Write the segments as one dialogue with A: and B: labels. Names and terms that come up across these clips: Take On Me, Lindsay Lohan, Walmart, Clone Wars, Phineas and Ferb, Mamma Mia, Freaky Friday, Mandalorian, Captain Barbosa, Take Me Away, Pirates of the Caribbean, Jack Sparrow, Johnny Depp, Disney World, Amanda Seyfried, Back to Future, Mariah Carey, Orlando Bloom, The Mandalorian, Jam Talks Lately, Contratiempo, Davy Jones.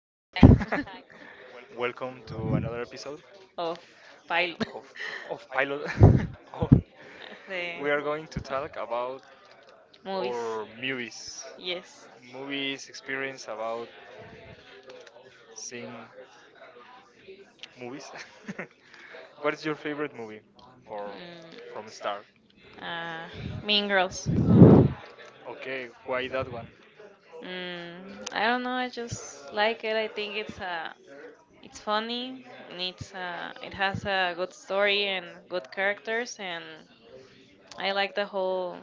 A: Hi,
B: Hi.
A: Hi, welcome to another
B: Of
A: episode
B: pile.
A: of pilot. Of pilot. Oh,
B: The
A: we are going to talk about
B: movies.
A: our movies,
B: Yes.
A: movies experience about seeing movies. What is your favorite movie
B: Mm,
A: for from start?
B: mean Girls.
A: Okay, why that one?
B: I don't know.
A: I
B: I
A: don't know. I just
B: just like it. I
A: like it.
B: think
A: I
B: it's
A: think
B: uh, it's
A: it's
B: funny.
A: funny and
B: And it's uh, it
A: it
B: has
A: has a
B: a good
A: good
B: story
A: story and
B: and good
A: good
B: characters,
A: characters,
B: and
A: and
B: I like
A: I
B: the
A: like the
B: whole.
A: whole,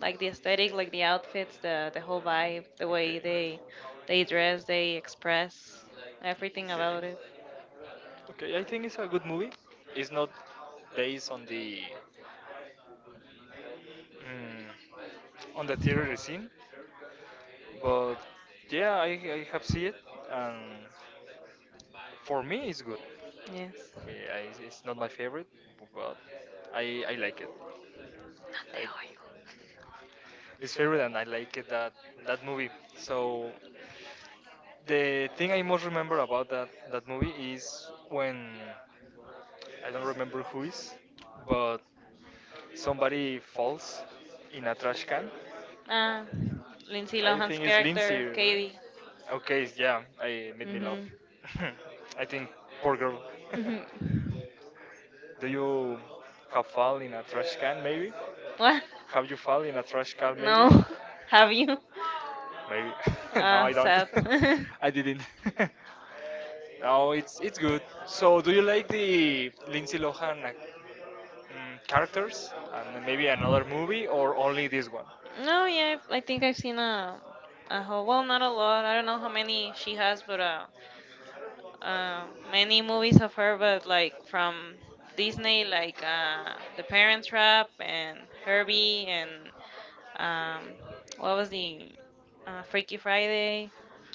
B: Like the
A: like the
B: aesthetic,
A: aesthetic,
B: like the
A: like the
B: outfits,
A: outfits,
B: the
A: the
B: the
A: the
B: whole
A: whole
B: vibe,
A: vibe,
B: the
A: the
B: way
A: way Okay.
B: they
A: they
B: dress,
A: dress,
B: they
A: they express
B: express everything
A: everything Okay.
B: about it.
A: about it. Okay, I think it's a good movie. It's not based on mm, on the theater scene, but yeah, I have seen it, and for me, it's good.
B: Yes.
A: For me, it's not my favorite, but I like it. I, it's favorite, and I like it that that movie. So the thing I most remember about that movie is when I don't remember who is, but somebody falls in a trash can.
B: Ah, Lindsay
A: I
B: Lohan's
A: think it's Lindsay.
B: character,
A: Right?
B: Katie.
A: Okay, yeah, I made me laugh.
B: Mhm.
A: I think poor girl.
B: Mhm.
A: Do you have fall in a trash can maybe? What?
B: What?
A: Have you fall in a trash can maybe? No.
B: No. Have you?
A: Maybe. no,
B: Ah,
A: I don't.
B: sad.
A: I didn't. no, it's good. So, do you like the Lindsay Lohan characters, and maybe another movie or only this one?
B: no, yeah, I've- I think I've seen a whole. Well, not a lot. I don't know how many she has, but uh, many movies of her, but like from Disney, like The Parent Trap and Herbie and um, what was the Freaky Friday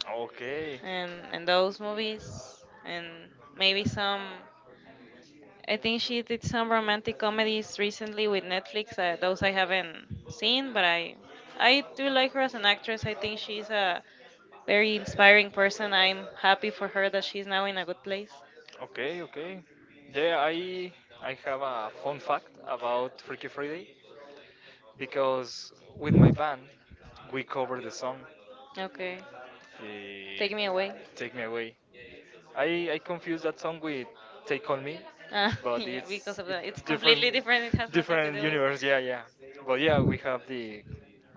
A: Okay.
B: and those movies and maybe some. I think she did some romantic comedies recently with Netflix. Those I haven't seen, but I do like her as an actress. I think she's a very inspiring person. I'm happy for her that she's now in a good place.
A: Okay, okay. Yeah, I have a fun fact about Freaky Friday because with my band we cover the song
B: Okay.
A: eh,
B: Take me away.
A: Take Me Away. I confuse that song with Take On Me,
B: Uh,
A: but
B: yeah, because
A: it's
B: of that. It's
A: different,
B: completely different. It has nothing to
A: different
B: do with.
A: universe. Yeah, yeah. But yeah, we have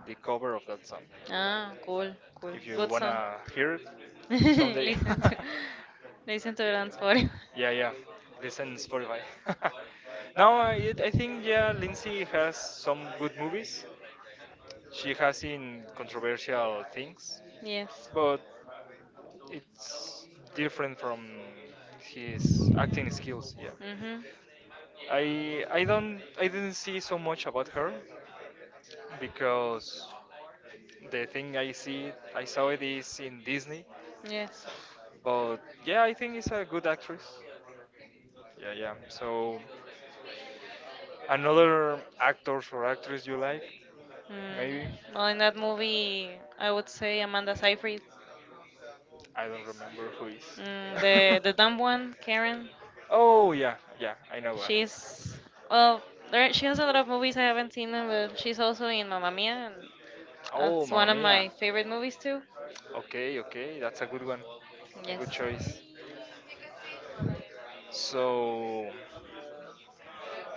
A: the cover of that song.
B: Ah, cool, cool.
A: If you
B: Good song.
A: wanna hear it someday.
B: listen to, listen to it on Spotify.
A: yeah, yeah. Listen Spotify. now I think yeah, Lindsay has some good movies. She has in controversial things,
B: Yes.
A: but it's different from his acting skills. Yeah.
B: Mhm.
A: I don't, I didn't see so much about her because the thing I saw it is in Disney.
B: Yes.
A: But yeah, I think it's a good actress. Yeah, yeah. So another actors or actress you like,
B: Mm.
A: maybe?
B: Well, in that movie, I would say Amanda Seyfried.
A: I don't remember who is.
B: Mm, the dumb one, Karen.
A: Oh yeah, yeah, I know that.
B: She's well, there, she has a lot of movies I haven't seen them, but she's also in Mamma Mia, and
A: Oh,
B: that's
A: Mamma
B: one of
A: Mia.
B: my favorite movies too.
A: Okay, okay, that's a good one. A good
B: Yes.
A: choice. So,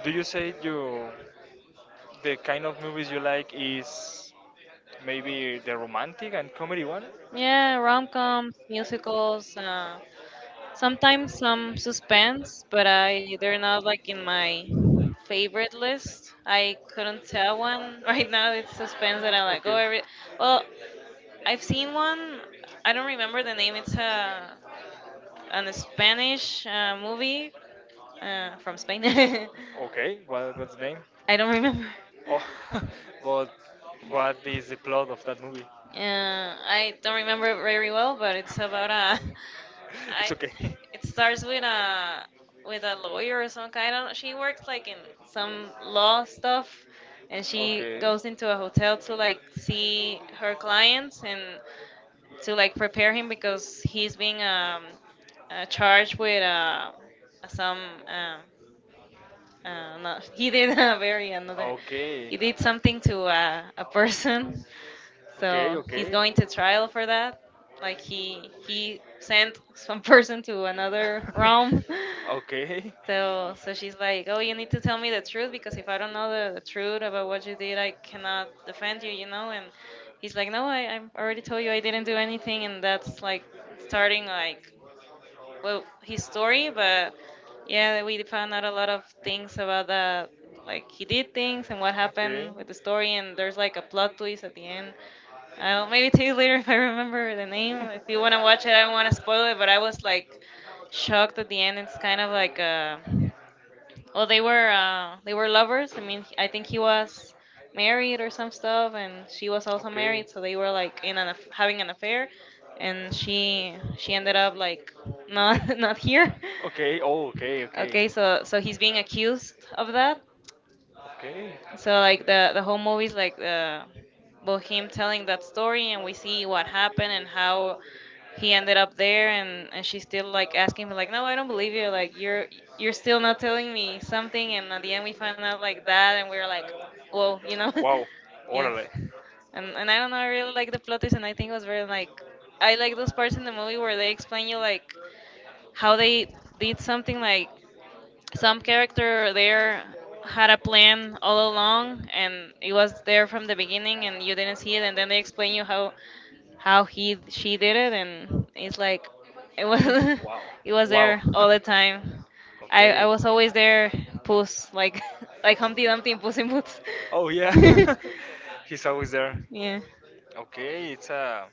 A: do you say you the kind of movies you like is maybe the romantic and comedy one?
B: Yeah, rom coms, musicals. Sometimes some suspense, but I they're not like in my favorite list. I couldn't tell one right now. It's suspense that I like.
A: Okay.
B: Well, I've seen one. I don't remember the name. It's a an Spanish movie from Spain.
A: Okay, what, what's the name?
B: I don't remember.
A: Oh, but what is the plot of that movie?
B: I don't remember it very well, but it's about a.
A: It's
B: I.
A: okay.
B: It starts with a lawyer or some kind. Of. She works like in some law stuff, and she goes into a hotel to like see her clients and to like prepare him because he's being charged with some um no,
A: Okay.
B: he did something to a person
A: Okay.
B: so he's
A: Okay, okay.
B: going to trial for that. Like
A: Like
B: he
A: he
B: he sent some person to another realm.
A: Okay.
B: So so she's like, oh, you need to tell me the truth because if I don't know the truth about what you did, I cannot defend you, you know. And he's like, no, I already told you I didn't do anything, and that's
A: like
B: like starting like well his
A: well
B: story, but yeah,
A: yeah,
B: we found out a lot of things about that. Like
A: like
B: he did things and what
A: Okay.
B: happened with the story, and there's like a plot twist at the end. I'll maybe tell you later if I remember the name. If you want to watch it, I don't want to spoil it, but I was like shocked at the end. It's kind of like a well, they were lovers. I mean, he- I think he was married or some stuff, and she was also
A: Okay.
B: married. So they
A: so-
B: were like in an having an affair, and she ended up like not not here.
A: Okay. Oh, okay. Okay.
B: Okay, so so he's being accused of that,
A: Okay.
B: so like the whole movie is like about him telling that story, and we see what happened and how he ended up there, and she's still like asking him like, no, I don't believe you. Like you're still not telling me something, and at the end we find out like that, and we're like, whoa, you know?
A: Wow.
B: yes.
A: Órale.
B: and I don't know, I really like the plot twist, and I think it was very like I like those parts in the movie where they explain you like how they did something like some character there had a plan all along and it was there from the beginning and you didn't see it and then they explain you how he she did it and it's like it was it was
A: Wow.
B: there all the time I was always there puss like like
A: Wow.
B: humpty dumpty and puss in boots
A: Oh yeah, he's always there.
B: yeah
A: Okay, it's a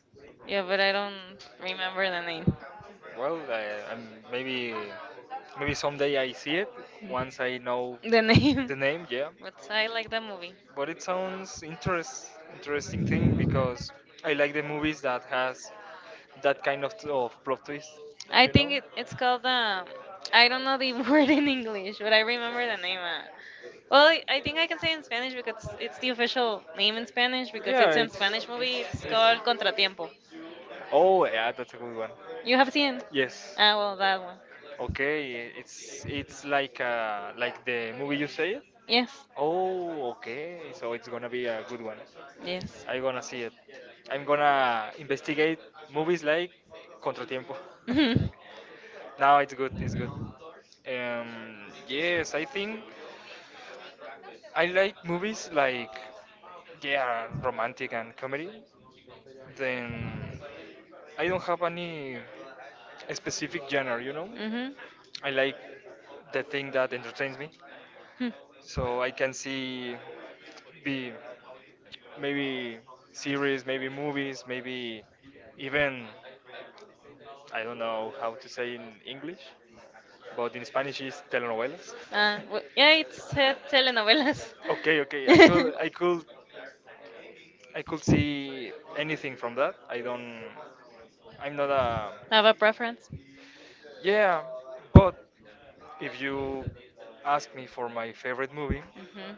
B: yeah, but I don't remember the name
A: well, maybe maybe someday I see it once I know
B: the name
A: the name. Yeah,
B: but I like that movie.
A: but it sounds interesting thing because I like the movies that has that kind of plot twist.
B: I
A: You know?
B: think it's called um. I don't know the word in English, but I remember the name. Well, I think I can say in Spanish because it's the official name in Spanish because
A: Yeah,
B: it's in Spanish
A: it's
B: movie. It's
A: it's.
B: called Contratiempo.
A: Oh yeah, that's a good one.
B: You have seen?
A: Yes.
B: Ah, well, that one.
A: Okay, it's like the movie you say it.
B: Yes.
A: Oh, okay. So it's gonna be a good one.
B: Yes.
A: I'm gonna see it. I'm gonna investigate movies like Contratiempo.
B: Mhm.
A: now it's good. It's good. Yes, I think I like movies like yeah, romantic and comedy, then I don't have any specific genre, you know?
B: Mhm.
A: I like the thing that entertains me.
B: Hmm.
A: So I can see be maybe series, maybe movies, maybe even I don't know how to say in English, but in Spanish is telenovelas.
B: Well, yeah, it's telenovelas.
A: okay, okay, I could I could I could see anything from that. I don't. I'm not a.
B: Have a preference?
A: Yeah, but if you ask me for my favorite movie,
B: Hmm.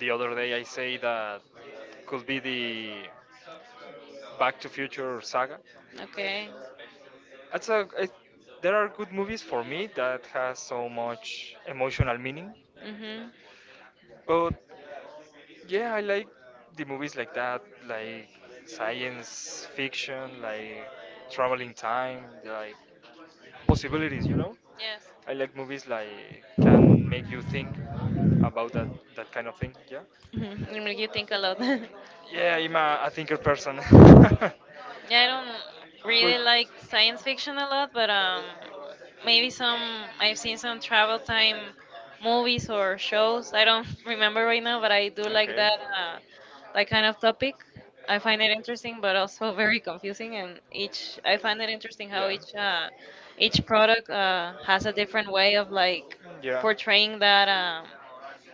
A: the other day I say that could be the Back to Future saga.
B: Okay.
A: That's a. There are good movies for me that has so much emotional meaning,
B: Hmm.
A: but yeah, I like the movies like that, like science fiction, like traveling time, like possibilities, you know?
B: Yes.
A: I like movies like can make you think about that kind of thing, yeah?
B: Hmm. You think a lot.
A: Yeah, I'm a thinker person.
B: Yeah, I don't really like science fiction a lot, but maybe some I've seen some travel time movies or shows. I don't remember right now, but I do like that
A: But
B: that kind of topic. I
A: okay.
B: find it interesting, but also very confusing. And each I find it interesting how
A: Yeah.
B: each product has a different way of like
A: Yeah.
B: portraying that.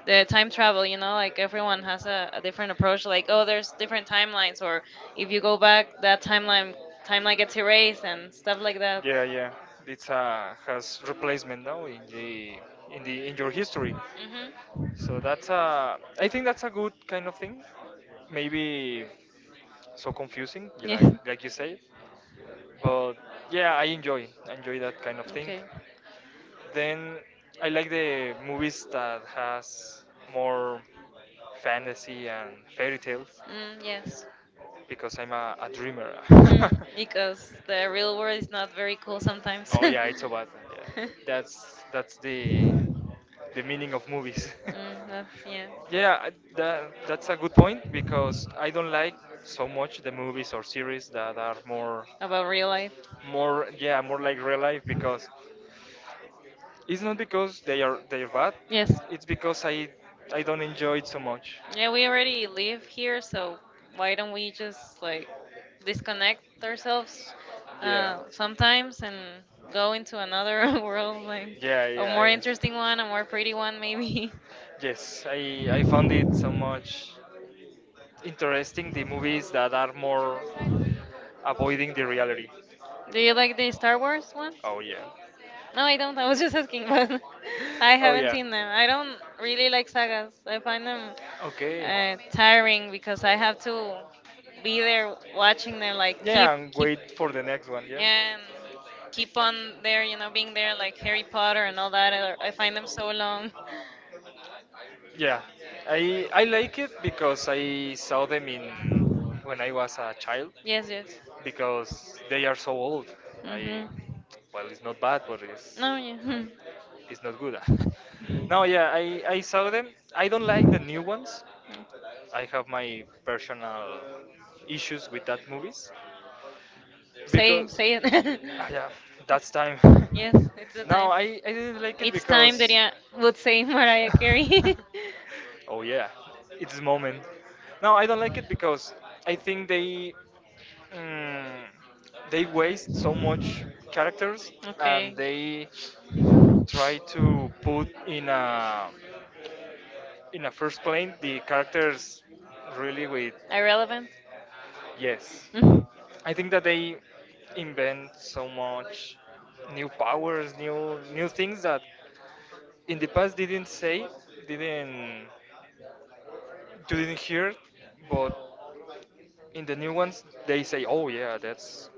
B: The time travel you know like everyone has a different approach like oh there's different timelines or if you go back that timeline timeline gets erased and stuff like that.
A: Yeah, yeah. It's has replacement now in the in your history.
B: Hmm.
A: So that's I think that's a good kind of thing. Maybe so confusing,
B: Yeah.
A: like you say. But yeah, I enjoy enjoy that kind of thing.
B: Okay.
A: Then I like the movies that has more fantasy and fairy tales
B: Yes.
A: because I'm a dreamer.
B: Mhm, because the real world is not very cool sometimes.
A: oh yeah, it's so bad. Yeah. That's the meaning of movies.
B: That's yeah
A: Yeah, I- that's a good point because I don't like so much the movies or series that are
B: about real life
A: more yeah, more like real life because it's not because they're bad.
B: yes.
A: It's because I don't enjoy it so much.
B: Yeah, we already live here, so why don't we just like disconnect ourselves
A: Yeah.
B: sometimes and go into another world, like
A: Yeah,
B: a
A: yeah.
B: more exactly. Interesting one, a more pretty one, maybe?
A: Yes, I found it so much interesting the movies that are more avoiding the reality.
B: Do you like the Star Wars ones?
A: Oh yeah.
B: No, I don't. I was just asking, but I Oh
A: Oh
B: haven't
A: yeah.
B: seen them. I don't really like sagas. I find them
A: Okay.
B: Okay. Tiring because I have to be there
A: We watching
B: watching
A: them
B: them,
A: like
B: like keep
A: yeah, and
B: keep
A: wait for the next one, yeah?
B: and keep
A: Yeah,
B: on there, you know, being there like Harry Potter and all that. I
A: the time
B: find them
A: is so
B: so
A: long.
B: long.
A: Yeah. I like it because I saw them in when I was a child. Yes,
B: Yes, yes.
A: because they are so old. I
B: Mhm.
A: well, it's not bad, but it's
B: No, yeah. hmm.
A: it's not good. no, yeah, I saw them. I don't like the new ones.
B: Mm.
A: I have my personal issues with that movies same,
B: Say,
A: because
B: say it. Yeah,
A: Ah, yeah, that's time.
B: it. Yes, it's the time.
A: no, I didn't
B: It's
A: like it
B: because time
A: because.
B: that I would say Mariah Carey. They build
A: oh, yeah, it's this moment. No, I don't like it because I think they. Mm, they waste so much characters and
B: okay.
A: they try to put in a first plane the characters really with
B: Irrelevant?
A: yes.
B: In.
A: I think that they invent so much new powers, new things that in the past didn't say, didn't you didn't hear, but in the new ones they say, oh yeah,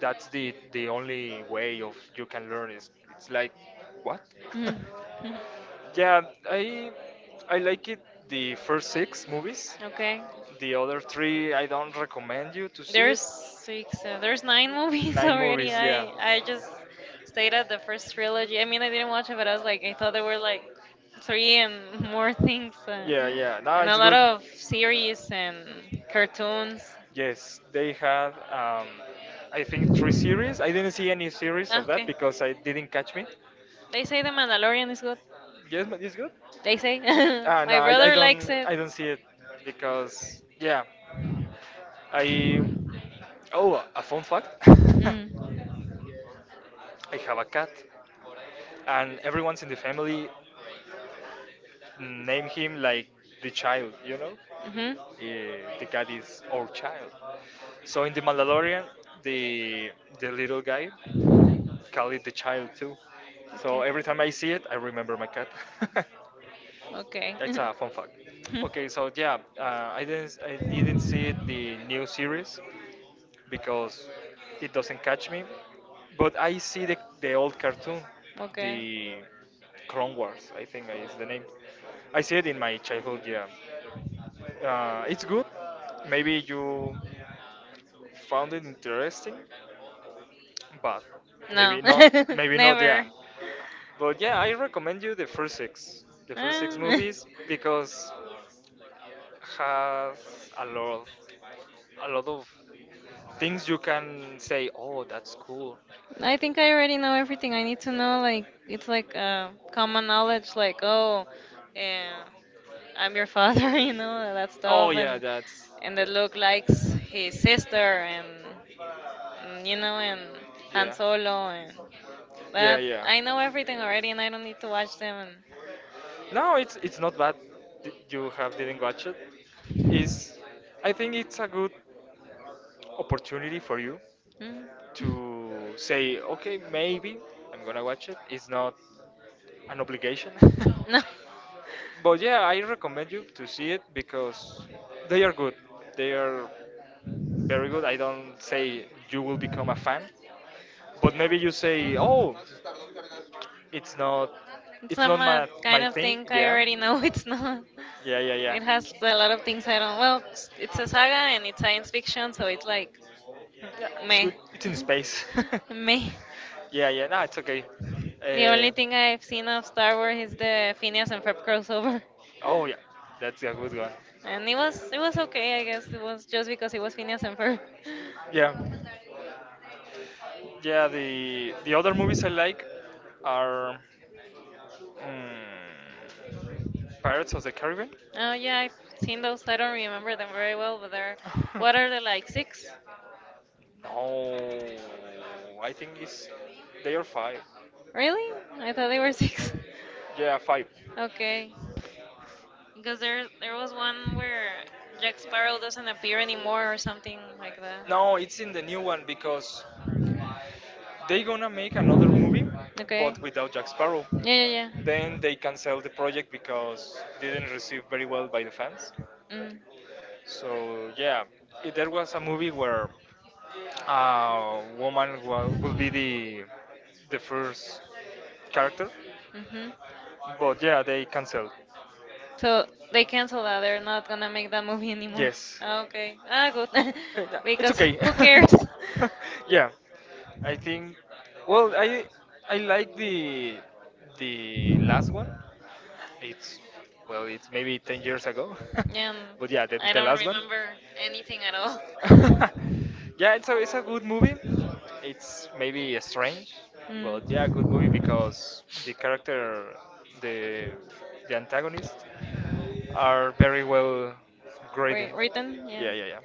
A: that's the only way of you can learn is it's like what?
B: Mhm. Mhm.
A: yeah, I I like it the first six movies.
B: okay.
A: The other three I don't recommend you to see
B: There's
A: it.
B: six. There's nine movies nine
A: Nine
B: already.
A: movies, yeah.
B: I just stayed at the first trilogy. I mean, I didn't watch it, but I was like, I thought there were like three and more things,
A: Yeah, yeah. No,
B: and a
A: it's
B: lot
A: good.
B: of series and cartoons.
A: Yes, they had, I think, three series. I didn't see any series of that because I didn't catch me.
B: They say The Mandalorian is good.
A: Yes, but it's good.
B: They say. Ah,
A: Ah, no, I don't see it because, yeah, I. Oh, a fun fact.
B: Mm.
A: I have a cat. And everyone's in the family name him like the child, you know?
B: Mhm. The
A: Eh, the cat is our child. So in the Mandalorian, the the little guy call it the child too. So every time I see it, I remember my cat.
B: Okay.
A: That's a fun fact. Okay, so yeah, I didn't see it, the new series, because it doesn't catch me. But I see the old cartoon, the Clone Wars, I think is the name. I see it in my childhood, yeah. It's good. Maybe you found it interesting, but
B: No,
A: maybe not. Maybe not, yeah.
B: never.
A: But yeah, I recommend you the first six
B: Ah.
A: movies because has a lot, a lot of things you can say. Oh, that's cool.
B: I think I already know everything I need to know. Like it's like common knowledge. Like oh, yeah, I'm your father. You know that
A: Oh
B: stuff,
A: yeah,
B: and
A: that's
B: and
A: that,
B: that Luke
A: like
B: likes his sister, and you know, and Han
A: yeah,
B: Solo, and
A: yeah, well,
B: that
A: yeah.
B: I know everything already, and I don't need to watch them.
A: No, it's not bad. D- You have didn't watch it. Is I think it's a good opportunity for you
B: And, mm.
A: to say, okay, maybe I'm gonna watch it. It's not an obligation.
B: No.
A: But yeah, I recommend you to see it because they are good. They are very good. I don't say you will become a fan, but maybe you say, "Oh, it's not,
B: It's
A: it's
B: not
A: not
B: my
A: my
B: kind
A: my
B: of
A: thing."
B: thing. I
A: Yeah,
B: already know it's not.
A: yeah, yeah, yeah.
B: It has a lot of things I don't. Well, it's a saga and it's science fiction, so it's like
A: Yeah, it's
B: meh.
A: good. It's in space.
B: meh.
A: yeah, yeah. No, it's okay.
B: The only
A: Uh,
B: thing I've seen of Star Wars is the Phineas and Ferb crossover.
A: oh yeah, that's a good one.
B: And it was okay. I guess it was just because it was Phineas and Ferb.
A: Yeah, yeah. The other movies I like are mm, Pirates of the Caribbean.
B: Oh yeah, I've seen those. I don't remember them very well, but they're what are they like six?
A: no, I think it's they are five.
B: Really? I thought they were six.
A: Yeah, five.
B: Okay, because there was one where Jack Sparrow doesn't appear anymore or something like that.
A: No, it's in the new one because they gonna make another movie,
B: Okay. Okay.
A: but without Jack Sparrow.
B: Yeah, yeah,
A: Then
B: yeah.
A: they cancel the project because didn't receive
B: It
A: very well by the fans.
B: yeah. Mm.
A: So yeah, there was a movie where a woman will be the first character,
B: Mhm.
A: but yeah, they canceled.
B: So they cancel that. They're not gonna make that movie anymore. Yes.
A: Yes,
B: Ah, okay. Ah, good.
A: yeah, it's
B: because
A: okay.
B: who cares?
A: yeah, I think. Well, I I like the last one. It's well, it's maybe 10 years ago,
B: And
A: but yeah,
B: I
A: the
B: don't
A: last one.
B: remember anything at all.
A: yeah, it's a good movie. It's maybe strange, but yeah, good
B: Mm.
A: movie because the the antagonist, are very well graded.
B: Written, yeah.
A: Yeah, yeah, yeah.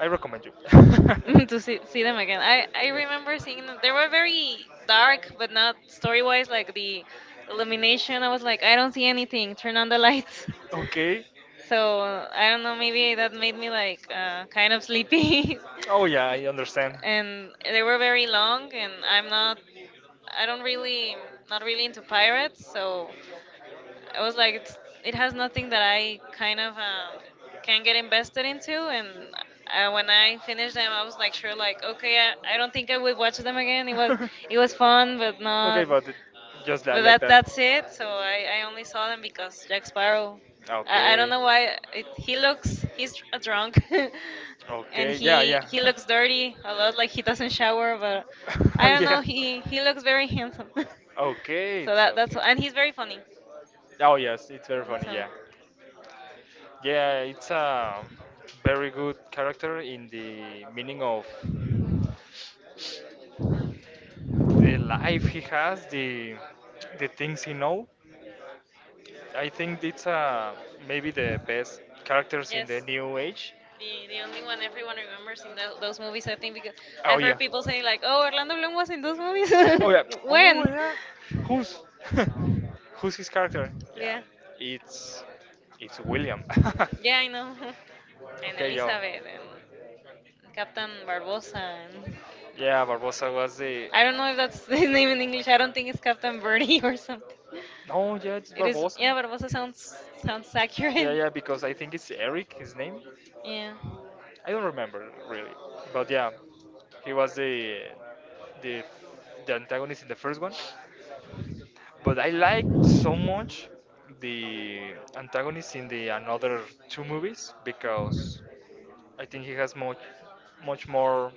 A: I recommend you.
B: To see them again. I remember seeing them. They were very dark, but not story wise. Like the illumination, I was like, I don't see anything. Turn on the lights. So I don't know, maybe that made me like kind
A: okay.
B: of sleepy.
A: Oh yeah, I understand.
B: And they were very
A: Long.
B: long, and I'm not, I
A: I don't
B: don't
A: really,
B: really, not
A: not
B: really
A: really
B: into
A: into pirates,
B: pirates,
A: so
B: so.
A: I
B: I
A: was
B: was like,
A: like,
B: it's, it
A: it
B: has nothing that I
A: kind
B: kind
A: of
B: of
A: um,
B: can get invested into. And
A: kind of, when
B: when
A: I
B: I
A: was
B: finished
A: them,
B: them,
A: I
B: I
A: was
B: was
A: like,
B: like, sure,
A: sure, like,
B: like,
A: okay,
B: okay,
A: I
B: I don't think I would watch them again.
A: it
B: It
A: was
B: was fun, but
A: not. okay,
B: not.
A: but just like,
B: But
A: so like
B: that
A: that's
B: that's it.
A: it,
B: So
A: so
B: I
A: I
B: only
A: only
B: saw
A: saw them
B: them
A: because
B: because
A: Jack
B: Jack
A: Sparrow,
B: Sparrow.
A: I don't
B: I
A: Okay.
B: don't know
A: know why,
B: why it, he
A: he looks,
B: looks
A: he's
B: he's a
A: a
B: drunk,
A: drunk.
B: and
A: Okay. Yeah.
B: he
A: Yeah.
B: he
A: He looks
B: looks dirty a lot. Like
A: like
B: he doesn't
A: a shower
B: shower,
A: of
B: but
A: a, I
B: I
A: don't
B: don't
A: yeah. know,
B: know.
A: he,
B: He He
A: he
B: looks very handsome.
A: Okay.
B: So that that's and he's very funny.
A: Oh yes, it's very funny.
B: So,
A: Yeah, yeah, it's a very good character in the meaning of the life he has, the things he know. I think it's maybe the best characters in the
B: yes, the
A: new age.
B: only one everyone remembers in those movies, I think, because
A: Oh
B: I've
A: yeah.
B: heard people saying like, "Oh, Orlando Bloom was in those movies."
A: Oh yeah. When?
B: When?
A: Oh yeah. Who's who's his character? Yeah,
B: Yeah,
A: it's it's William.
B: yeah,
A: Yeah,
B: I
A: I
B: know.
A: know.
B: And
A: Okay, yo.
B: Elizabeth and
A: Captain
B: Captain Barbosa,
A: Barbosa.
B: and
A: Yeah, Barbosa was the.
B: I
A: I don't
B: don't
A: know
B: know if
A: if that's
B: that's his
A: in
B: name in
A: English.
B: English. I
A: I
B: don't
A: don't think
B: think it's
A: it's Captain
B: Captain
A: Bird.
B: Birdie or something.
A: No, yeah, it's
B: It is.
A: Barbosa. Yeah,
B: Yeah, Barbosa
A: sounds
B: sounds
A: accurate. Yeah, accurate,
B: accurate.
A: yeah, because I think it's Eric, his name.
B: Yeah.
A: Yeah. I don't remember really, but yeah, he was the the antagonist in the first one. But I liked so much the antagonist in the another two movies because I think he has much more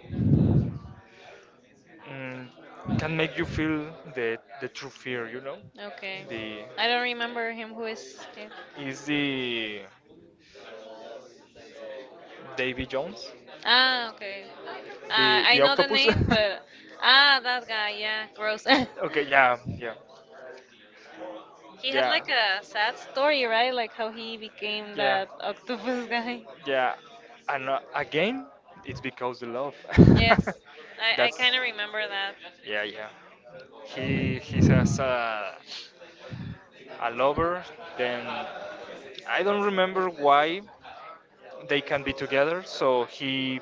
A: mm, can make you feel the true fear, you know.
B: Okay.
A: The I
B: I don't
A: don't
B: remember him. Who
A: remember
B: is it?
A: him. Is the Davy Jones. Ah,
B: Ah,
A: okay.
B: okay.
A: The I the know
B: I
A: the
B: know the
A: octopus. name,
B: name,
A: but
B: but
A: ah,
B: ah,
A: that
B: that guy.
A: guy,
B: Yeah,
A: yeah, gross.
B: gross.
A: Okay, yeah, yeah, it was
B: He had
A: yeah, like
B: like a
A: a sad
B: sad
A: story,
B: story, right?
A: right? Like
B: Like
A: how
B: how he
A: he became
B: became
A: yeah, that
B: that octopus
A: octopus
B: guy.
A: guy. Yeah. And again, it's because the love. Yes, I
B: Yes, I
A: That's
B: kind
A: kind
B: of
A: of remember
B: remember that.
A: that. Yeah, yeah. He has a lover. Then I don't remember why they can be together. So he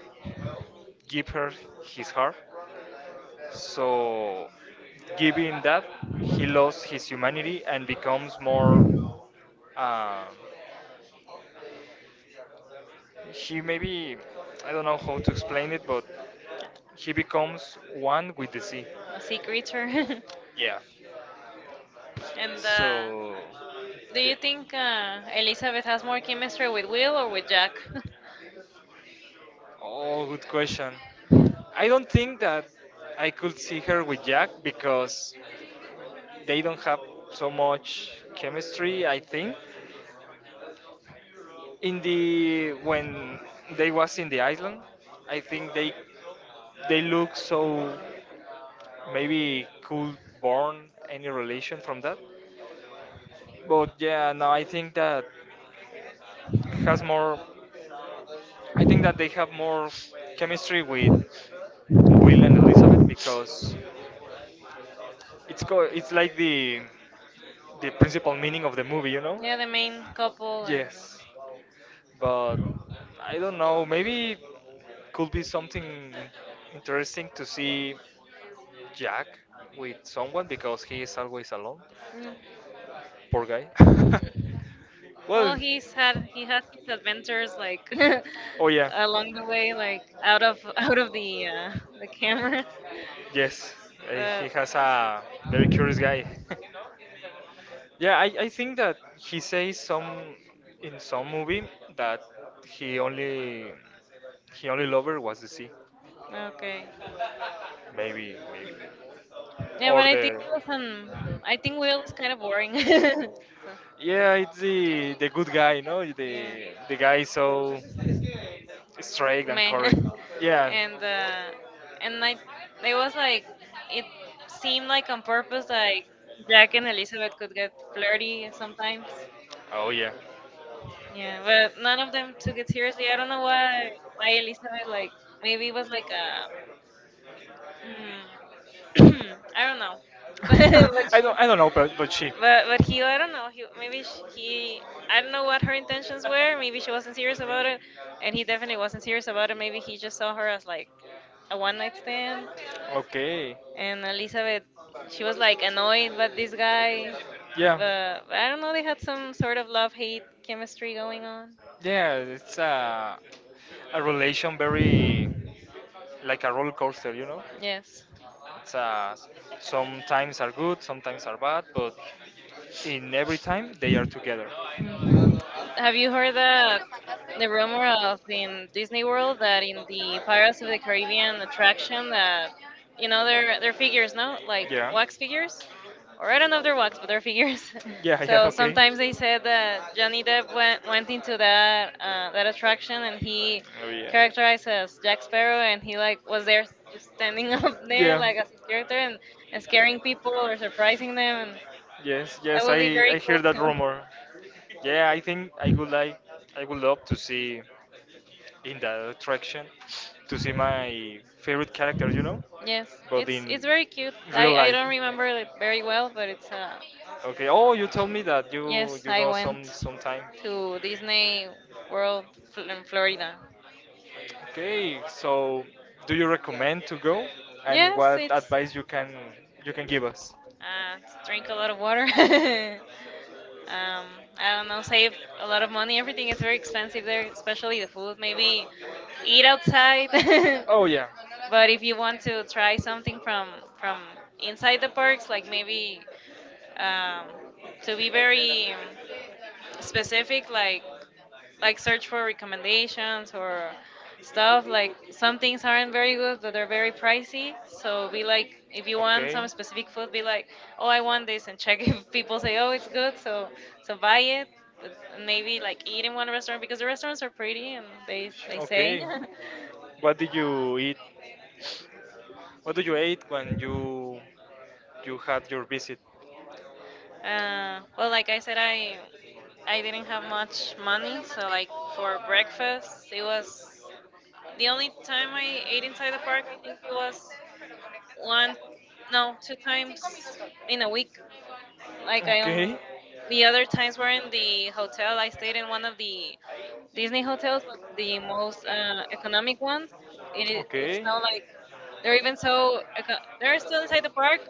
A: give her his heart. So, giving that, he lost his humanity and becomes more. Uh, he maybe, I don't know how to explain it, but he becomes one with the sea.
B: A sea creature. And
A: Yeah.
B: uh,
A: So,
B: do
A: yeah.
B: you think Elizabeth has more chemistry with Will or with Jack?
A: Oh, good question. I don't think that I could see her with Jack because they don't have so much chemistry, I think, in the when they was in the island, I think they look so maybe could born any relation from that, but yeah, no, I think that has more, I think that they have more chemistry with Will, and because it's like the principal meaning of the movie, you know.
B: Yeah, the main couple, like. Yes,
A: Yes, but I don't know. Maybe could be something interesting to see Jack with someone because he is always alone.
B: yeah.
A: Poor guy.
B: Well,
A: Well,
B: he had his adventures like
A: oh yeah.
B: along the way, like out of out of the the cameras.
A: Yes, he
B: But
A: has a very curious guy. Yeah, I think that he says some in some movie that he only he only lover was the sea.
B: okay,
A: Maybe.
B: yeah,
A: Or
B: but
A: the
B: I think Will is kind of boring.
A: yeah, it's the good guy, no? The guy
B: So,
A: so
B: yeah.
A: straight and
B: Meh.
A: correct. Yeah.
B: and uh, and I it was like it seemed like on purpose like Jack and Elizabeth could get flirty sometimes.
A: Oh yeah.
B: Yeah, but none
A: None of
B: of
A: them.
B: them took it seriously. I
A: Yeah, I
B: don't
A: don't
B: know
A: know why.
B: why
A: Why
B: Elizabeth
A: Elizabeth?
B: like
A: Like
B: maybe
A: maybe
B: it
A: it
B: was
A: was
B: like
A: like a.
B: a I don't know.
A: hmm,
B: But
A: I don't know. but
B: she
A: I don't know, but she. but
B: But
A: but
B: but
A: he,
B: he, I
A: I
B: don't
A: don't
B: know.
A: know.
B: He
A: He, maybe
B: maybe sh
A: he.
B: he, I
A: I
B: don't
A: don't
B: know
A: know what
B: what her
A: her intentions
B: intentions
A: were.
B: were. Maybe
A: Maybe she
B: she
A: was
B: wasn't
A: serious
B: serious
A: about
B: about
A: it,
B: it, and
A: and
B: he
A: he
B: definitely
A: definitely
B: wasn't
A: wasn't serious.
B: serious about it.
A: Maybe
B: Maybe he
A: he
B: just
A: just
B: saw
A: saw
B: her
A: her
B: as like a
A: a one
B: one
A: night
B: night stand.
A: stand. Okay.
B: And Elizabeth,
A: And
B: she
A: she was
B: was
A: like
B: like annoyed
A: annoyed by
B: by
A: the
B: this
A: guy.
B: guy,
A: Yeah,
B: but I don't know. They had some sort of love hate
A: the history
B: chemistry
A: going
B: going on.
A: on. Yeah, it's a relation very like a roller coaster, you know.
B: Yes.
A: It's sometimes are good, sometimes are bad, but in every time they are together.
B: Mhm. Have you heard the rumor of in Disney World that in the Pirates of the Caribbean attraction that you know they're figures, no? Like
A: Yeah.
B: wax figures? Or I don't know if they're wax, but they're figures.
A: Yeah, yeah,
B: So
A: okay.
B: sometimes they said that Johnny Depp went into that attraction, and he
A: Oh
B: characterized as Jack Sparrow, and he like was there just standing up
A: yeah.
B: there like a character,
A: Yeah.
B: and scaring people or surprising them, and
A: Yes,
B: that
A: yes,
B: would be
A: I
B: very
A: hear
B: cool
A: that
B: too.
A: rumor. Yeah, I would love to see in that attraction to see my favorite character, you know. Yes,
B: Yes,
A: but in
B: it's
A: really
B: it's very cute.
A: real
B: I
A: life.
B: don't remember it very
A: Well,
B: well, but it's
A: Okay. Oh, you told me that yes,
B: yes,
A: you
B: I
A: go
B: went
A: some time.
B: to Disney World in Florida.
A: Okay, so do you recommend to go, and
B: Yes,
A: what
B: it's
A: advice you can give us?
B: uh, drink a lot of water. Um, I don't know, save a lot of money. Everything is very expensive there, especially the food. Maybe eat outside.
A: Oh
B: But if you want to try something from from inside the parks, like maybe um, to be very specific, like search for recommendations or stuff. Like some things aren't very good, but they're very pricey. So be like,
A: yeah.
B: if you want
A: Okay.
B: some specific food, be like, oh, I want this, and check if people say, oh, it's good, so buy it. But maybe like eat in one restaurant, because the restaurants are pretty, and they say.
A: Okay. What did you eat? What did you eat when you had your visit?
B: Well, like I said, I didn't have much money, so like for breakfast, it was the
A: The only
B: only
A: time
B: time
A: I
B: I ate
A: really
B: inside
A: pressed
B: the park.
A: hard,
B: I
A: I
B: think
A: think it
B: it was
A: was
B: one,
A: one, no,
B: no, two
A: two times
B: times
A: in
B: in a
A: a week.
B: week.
A: Like
B: Like
A: I
B: I
A: Okay.
B: only,
A: would be
B: the other times were in the
A: hotel.
B: hotel. I
A: I,
B: stayed in one of the
A: Disney
B: Disney hotels,
A: hotels was the
B: the
A: most
B: most
A: economic
B: economic
A: one.
B: ones.
A: It is
B: It's
A: Okay.
B: now
A: now
B: like
A: like
B: they're
A: they're even
B: even so they're
A: they're
B: still
A: still
B: inside
A: inside
B: the
A: the park,
B: park,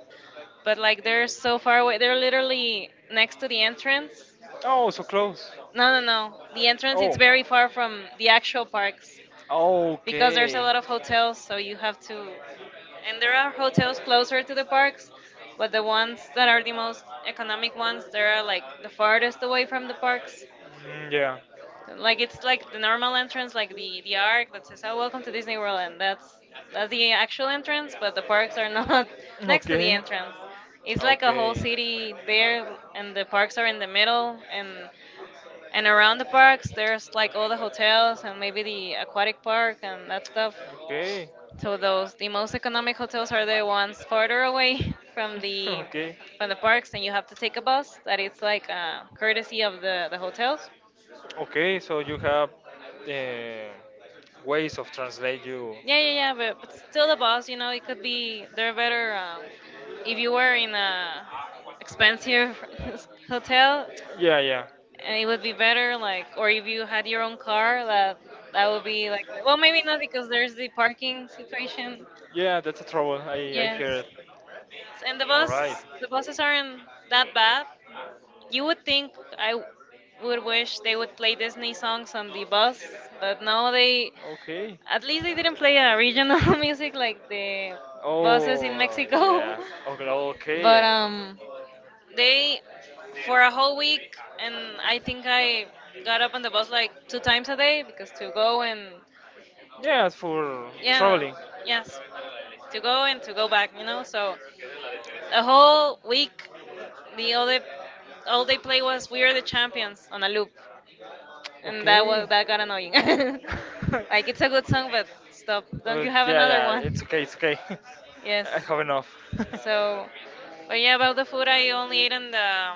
B: but
A: but
B: like they're so far away. They're literally
A: the
B: next to the entrance,
A: entrance Oh, so close. No,
B: no, no,
A: no,
B: no.
A: no, the
B: The
A: entrance is
B: entrance
A: Oh.
B: it's very
A: very
B: far
A: far from
B: from
A: the
B: the actual parks because there's a
A: Okay.
B: lot of hotels, so you have
A: So
B: to. And there
A: there
B: are
A: are hotels
B: hotels
A: closer
B: closer
A: to
B: to
A: the
B: the
A: parks,
B: parks,
A: but
B: but the
A: the ones
B: ones
A: that
B: that
A: are
B: are the
A: the most
B: most
A: economic
B: economic
A: ones,
B: ones,
A: they're
B: they're
A: like
B: like the
A: the furthest
B: farthest away
A: away from
B: from the
A: the parks.
B: parks.
A: Mm, yeah. Like
B: Like
A: it's
B: it's
A: like
B: like the
A: normal
B: normal
A: entrance,
B: entrance,
A: like
B: like the
A: the
B: arc that says,
A: so
B: "Oh,
A: welcome
B: welcome to
A: to
B: Disney
A: Disney World,
B: World,"
A: and
B: and that's
A: that's
B: the
A: the
B: actual
A: actual
B: entrance,
A: entrance,
B: but
A: but
B: the
A: the
B: parks
A: parks
B: are
A: are
B: not
A: not
B: next to the
A: Okay.
B: entrance. It's
A: Like
B: like a whole
A: Okay.
B: city there, and the parks are in the middle, and
A: And
B: around
A: around
B: the
A: the parks,
B: parks,
A: there's
B: there's
A: like
B: like all
A: all the
B: the
A: hotels
B: hotels
A: and
B: and maybe
A: maybe the
B: the
A: aquatic
B: aquatic park
A: park and
B: and that
A: that stuff.
B: stuff.
A: Okay. So
B: So
A: those
B: those, the
A: the most
B: most
A: economic
B: economic
A: hotels
B: hotels, are
A: are
B: the
A: the ones
B: ones farther
A: farther
B: away
A: away from
B: from
A: the
B: the
A: okay.
B: from
A: From
B: the
A: the parks,
B: parks,
A: and
B: and you
A: you have
B: have to
A: to take
B: take a
A: a bus
B: bus. That
A: that is
B: it's
A: like
B: like courtesy
A: courtesy
B: of
A: of
B: the
A: the hotels.
B: hotels.
A: Okay, so you have uh, ways of translate you.
B: Yeah, yeah,
A: Yeah,
B: yeah. But still
A: still
B: the
A: the
B: bus,
A: bus,
B: you
A: you
B: know,
A: know, it
B: it
A: could
B: could
A: be
B: be
A: there.
B: they're better
A: Uh, if
B: if
A: you
B: you were
A: want
B: in
A: an
B: a
A: expensive
B: expensive
A: hotel,
B: hotel,
A: yeah, yeah,
B: and it
A: uh,
B: would be better. Like,
A: like,
B: or
A: or
B: if
A: if you
B: you
A: had
B: had your
A: your
B: own
A: own car,
B: car, that
A: that that
B: would
A: would
B: be
A: be
B: like,
A: like
B: well,
A: well,
B: maybe
A: maybe
B: not, because
A: the
B: there's the
A: parking
B: parking situation.
A: situation. Yeah, that's a trouble. I
B: Yes,
A: hear it. And
B: and
A: the All bus, right.
B: the
A: The bus is
B: buses aren't
A: not.
B: that bad, you
A: You
B: would
A: think
B: think. i
A: I
B: w- would
A: would wait
B: wish they would play Disney
A: for songs
B: songs
A: on
B: on the
A: the bus,
B: bus, but
A: but
B: no,
A: now they
B: they
A: Okay.
B: at least they didn't play regional
A: like
B: music
A: the buses
B: like the
A: in
B: buses in
A: Oh, Mexico.
B: Mexico.
A: Yeah. Okay. but okay.
B: But they for
A: For
B: a
A: a,
B: whole week, and
A: and
B: I
A: I
B: think I got
A: got
B: up on the bus like
A: two
B: two times
A: times
B: a day, because
A: to
B: to go
A: go.
B: and
A: Yeah, for
B: yeah,
A: traveling. Okay.
B: yes, to go and to go back, you know. So a whole week, the all they play was "We Are the Champions" on a loop, and that got annoying. Like, it's a good song, but stop! Don't you have
A: Yeah,
B: another
A: yeah,
B: one?
A: it's okay, it's okay.
B: Yes.
A: I have enough.
B: So, but yeah, about the food, I only ate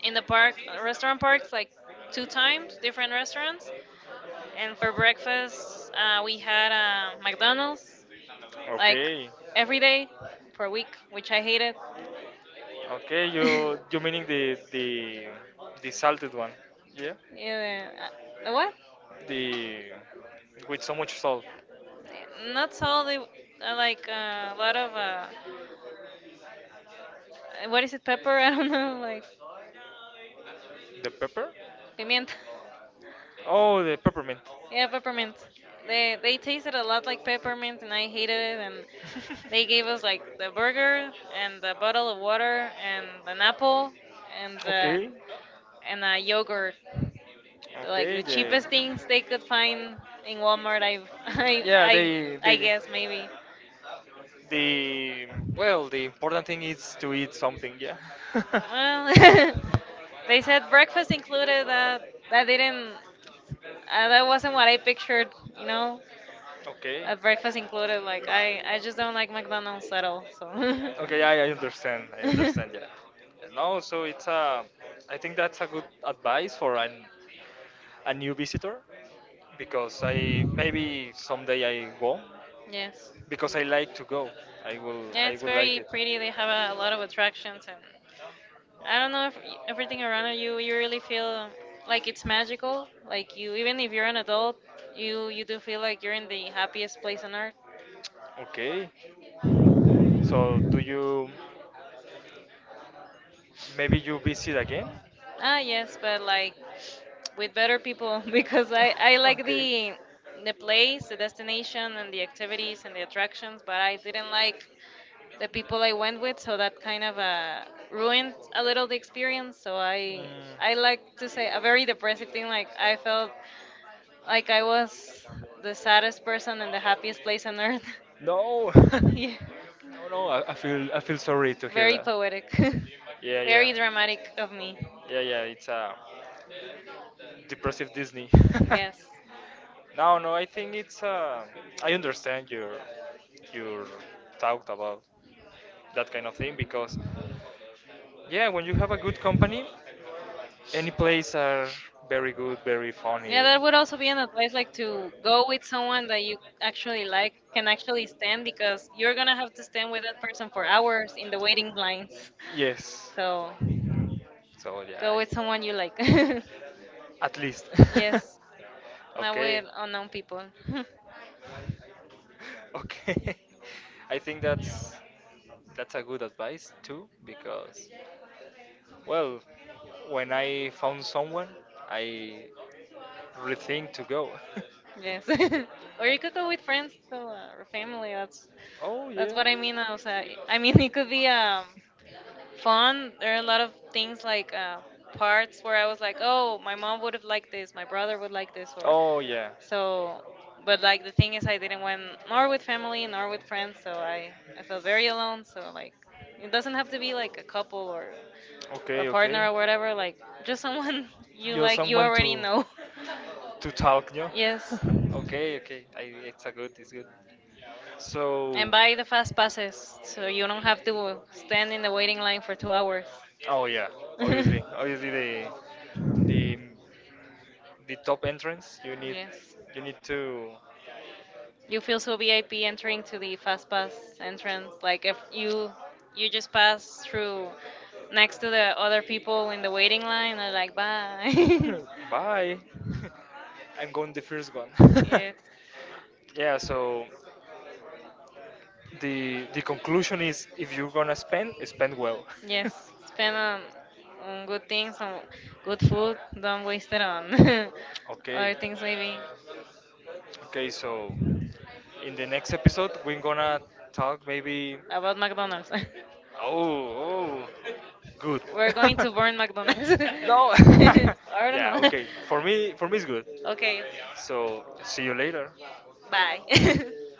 B: in the park, restaurant parks, like two times, different restaurants. And for breakfast, we had
A: McDonald's,
B: McDonald's,
A: like
B: like
A: Okay.
B: every
A: every
B: day for a week, which I hated.
A: okay, you meaning the salted one. Yeah.
B: Yeah,
A: The
B: the
A: what?
B: what?
A: The with so much salt.
B: Not
A: Not
B: salty,
A: solid,
B: like a
A: a lot
B: lot
A: of
B: of what is it? Pepper? I don't know, like
A: like the pepper?
B: pimienta.
A: Oh, the peppermint.
B: Yeah,
A: Every,
B: peppermint. They
A: they
B: tasted a
A: a lot
B: lot
A: like
B: like
A: pepper.
B: peppermint, and I hated it. And they
A: They
B: gave us
A: like
B: like the
A: the burger
B: burger
A: and
B: and
A: the
B: the bottle
A: bottle.
B: of water and
A: An
B: an
A: apple,
B: apple and
A: and a, okay, and
B: a
A: a yogurt.
B: yogurt,
A: Like
B: like the
A: okay, the
B: cheapest
A: cheapest
B: things
A: things
B: they
A: they
B: could
A: could find
B: find in
A: in
B: Walmart.
A: Walmart.
B: I
A: I
B: I
A: yeah,
B: I
A: I
B: I
A: they guess
B: guess maybe.
A: maybe. The
B: Well,
A: well, the important thing is to eat something, yeah. They
B: they said breakfast
A: just included
B: included.
A: that
B: That
A: that didn't
B: didn't.
A: that
B: That
A: was
B: wasn't what I pictured. You
A: no.
B: know.
A: Okay.
B: Breakfast
A: Like
B: included. Like I just don't like McDonald's
A: like
B: at all. So.
A: so. Okay, I understand. I understand. Yeah. No, so it's a. I think that's a good advice for an a new visitor because I maybe someday I go. Yes,
B: Yes.
A: because I like to go. I will.
B: Yeah,
A: I
B: it's
A: will like
B: very
A: it.
B: pretty. They have a lot of attractions, and I don't know if everything around you, you really feel like
A: Like
B: it's magical. Like you, even if you're an
A: adult,
B: adult, you
A: you do
B: do
A: feel
B: feel
A: like
B: like you're
A: you're in
B: in
A: the
B: the
A: happiest
B: happiest
A: place
B: place on
A: on
B: earth.
A: earth. Okay. So do you maybe you visit again? Ah,
B: Ah,
A: yes,
B: yes,
A: but
B: but
A: like
B: like with
A: with
B: better
A: better people
B: people
A: because
B: because I
A: I like
B: like
A: Okay.
B: the
A: The place,
B: place, the
A: the destination,
B: destination,
A: and
B: and the
A: the activities
B: activities and the
A: and the driving.
B: attractions, but I didn't
A: Didn't
B: like
A: like the
B: the
A: people,
B: people I went with, so
A: so that
B: that kind of
A: ruined
B: ruined a
A: a lot.
B: little the experience.
A: So
B: So
A: I Mm, I
B: I
A: Mm.
B: like
A: have to
B: to
A: say
B: say
A: a
B: a
A: very
B: very
A: impressive
B: depressive thing.
A: thing. Like
B: Like
A: I
B: I
A: felt
B: felt
A: like
B: like I was the saddest
A: best person
B: person in
A: and
B: the
A: the happiest
B: happiest
A: place.
B: place on earth.
A: No, no,
B: Yeah,
A: no. I feel sorry to hear
B: very
A: that.
B: poetic,
A: Yeah, yeah.
B: very dramatic of me.
A: Yeah, yeah. It's a depressive Disney.
B: Yes.
A: No, no. I think it's. I understand your talk about that kind of thing because yeah, when you have a good company, any plays are very good, very funny.
B: Yeah, that would also be an advice, like to go with someone that you actually like, can actually stand, because you're gonna have to stand with that person for hours in the waiting lines.
A: Yes.
B: So
A: So
B: go
A: yeah,
B: with someone you like.
A: like. At least.
B: Yes, not
A: Okay.
B: with unknown people.
A: Okay. I think that's a good advice too because well, when I found someone, I rethink to go.
B: Yes, or you could go with friends so, or family. That's
A: Oh yeah.
B: what I mean. I was, I mean, it could be
A: uh,
B: fun. There are a lot of
A: things
B: things
A: like
B: like
A: parts
B: parts where
A: where
B: I
A: I was
B: was
A: like,
B: like, oh,
A: oh, my
B: my
A: mom
B: mom would
A: would
B: have
A: have liked
B: liked
A: this,
B: this, my
A: my brother
B: brother would
A: would like
B: like
A: this.
B: this, or
A: Oh yeah. So,
B: so. But
A: but I
B: like the thing is, I
A: didn't
B: didn't
A: want
B: went
A: it,
B: nor
A: nor
B: with
A: with family
B: family nor
A: nor
B: with
A: with friends,
B: friends, so
A: so I
B: I
A: felt
B: felt very
A: really alone.
B: alone.
A: So
B: So
A: like,
B: like,
A: it
B: it
A: doesn't
B: doesn't
A: have
B: have to
A: to
B: be
A: be like
B: like a
A: a
B: couple
A: couple or
B: or
A: a Okay, a okay.
B: partner or
A: Partner,
B: whatever.
A: like
B: Like just
A: just someone
B: someone
A: you
B: you
A: You're like you
B: like, you
A: someone
B: already
A: already to
B: know.
A: know. To talk, yeah.
B: Yes.
A: Yes, okay, okay. I, it's a good, it's good. And so
B: And buy
A: violence.
B: the fast passes so
A: So
B: you don't have
A: you
B: to
A: will stand
B: stand
A: in
B: in the
A: the way.
B: waiting line for 2 hours.
A: Oh yeah, obviously, obviously the the the top entrance.
B: Yes.
A: You need to.
B: You feel so VIP entering to the fast pass entrance. Like if you just pass through next to the other people in the waiting line and like, bye.
A: Bye. I'm going the first one.
B: Yes.
A: Yeah. So the conclusion is if you're gonna spend, spend well.
B: Yes. Spend on good things, on good food. Don't waste it on
A: Okay.
B: other things maybe.
A: Okay, so in the next episode, we're gonna talk maybe.
B: About McDonald's.
A: Oh, oh, good.
B: We're going to burn McDonald's.
A: No.
B: I don't
A: Yeah.
B: know.
A: Okay. For me, it's good. Okay.
B: Okay, okay.
A: So see you later.
B: Bye.
A: Bye.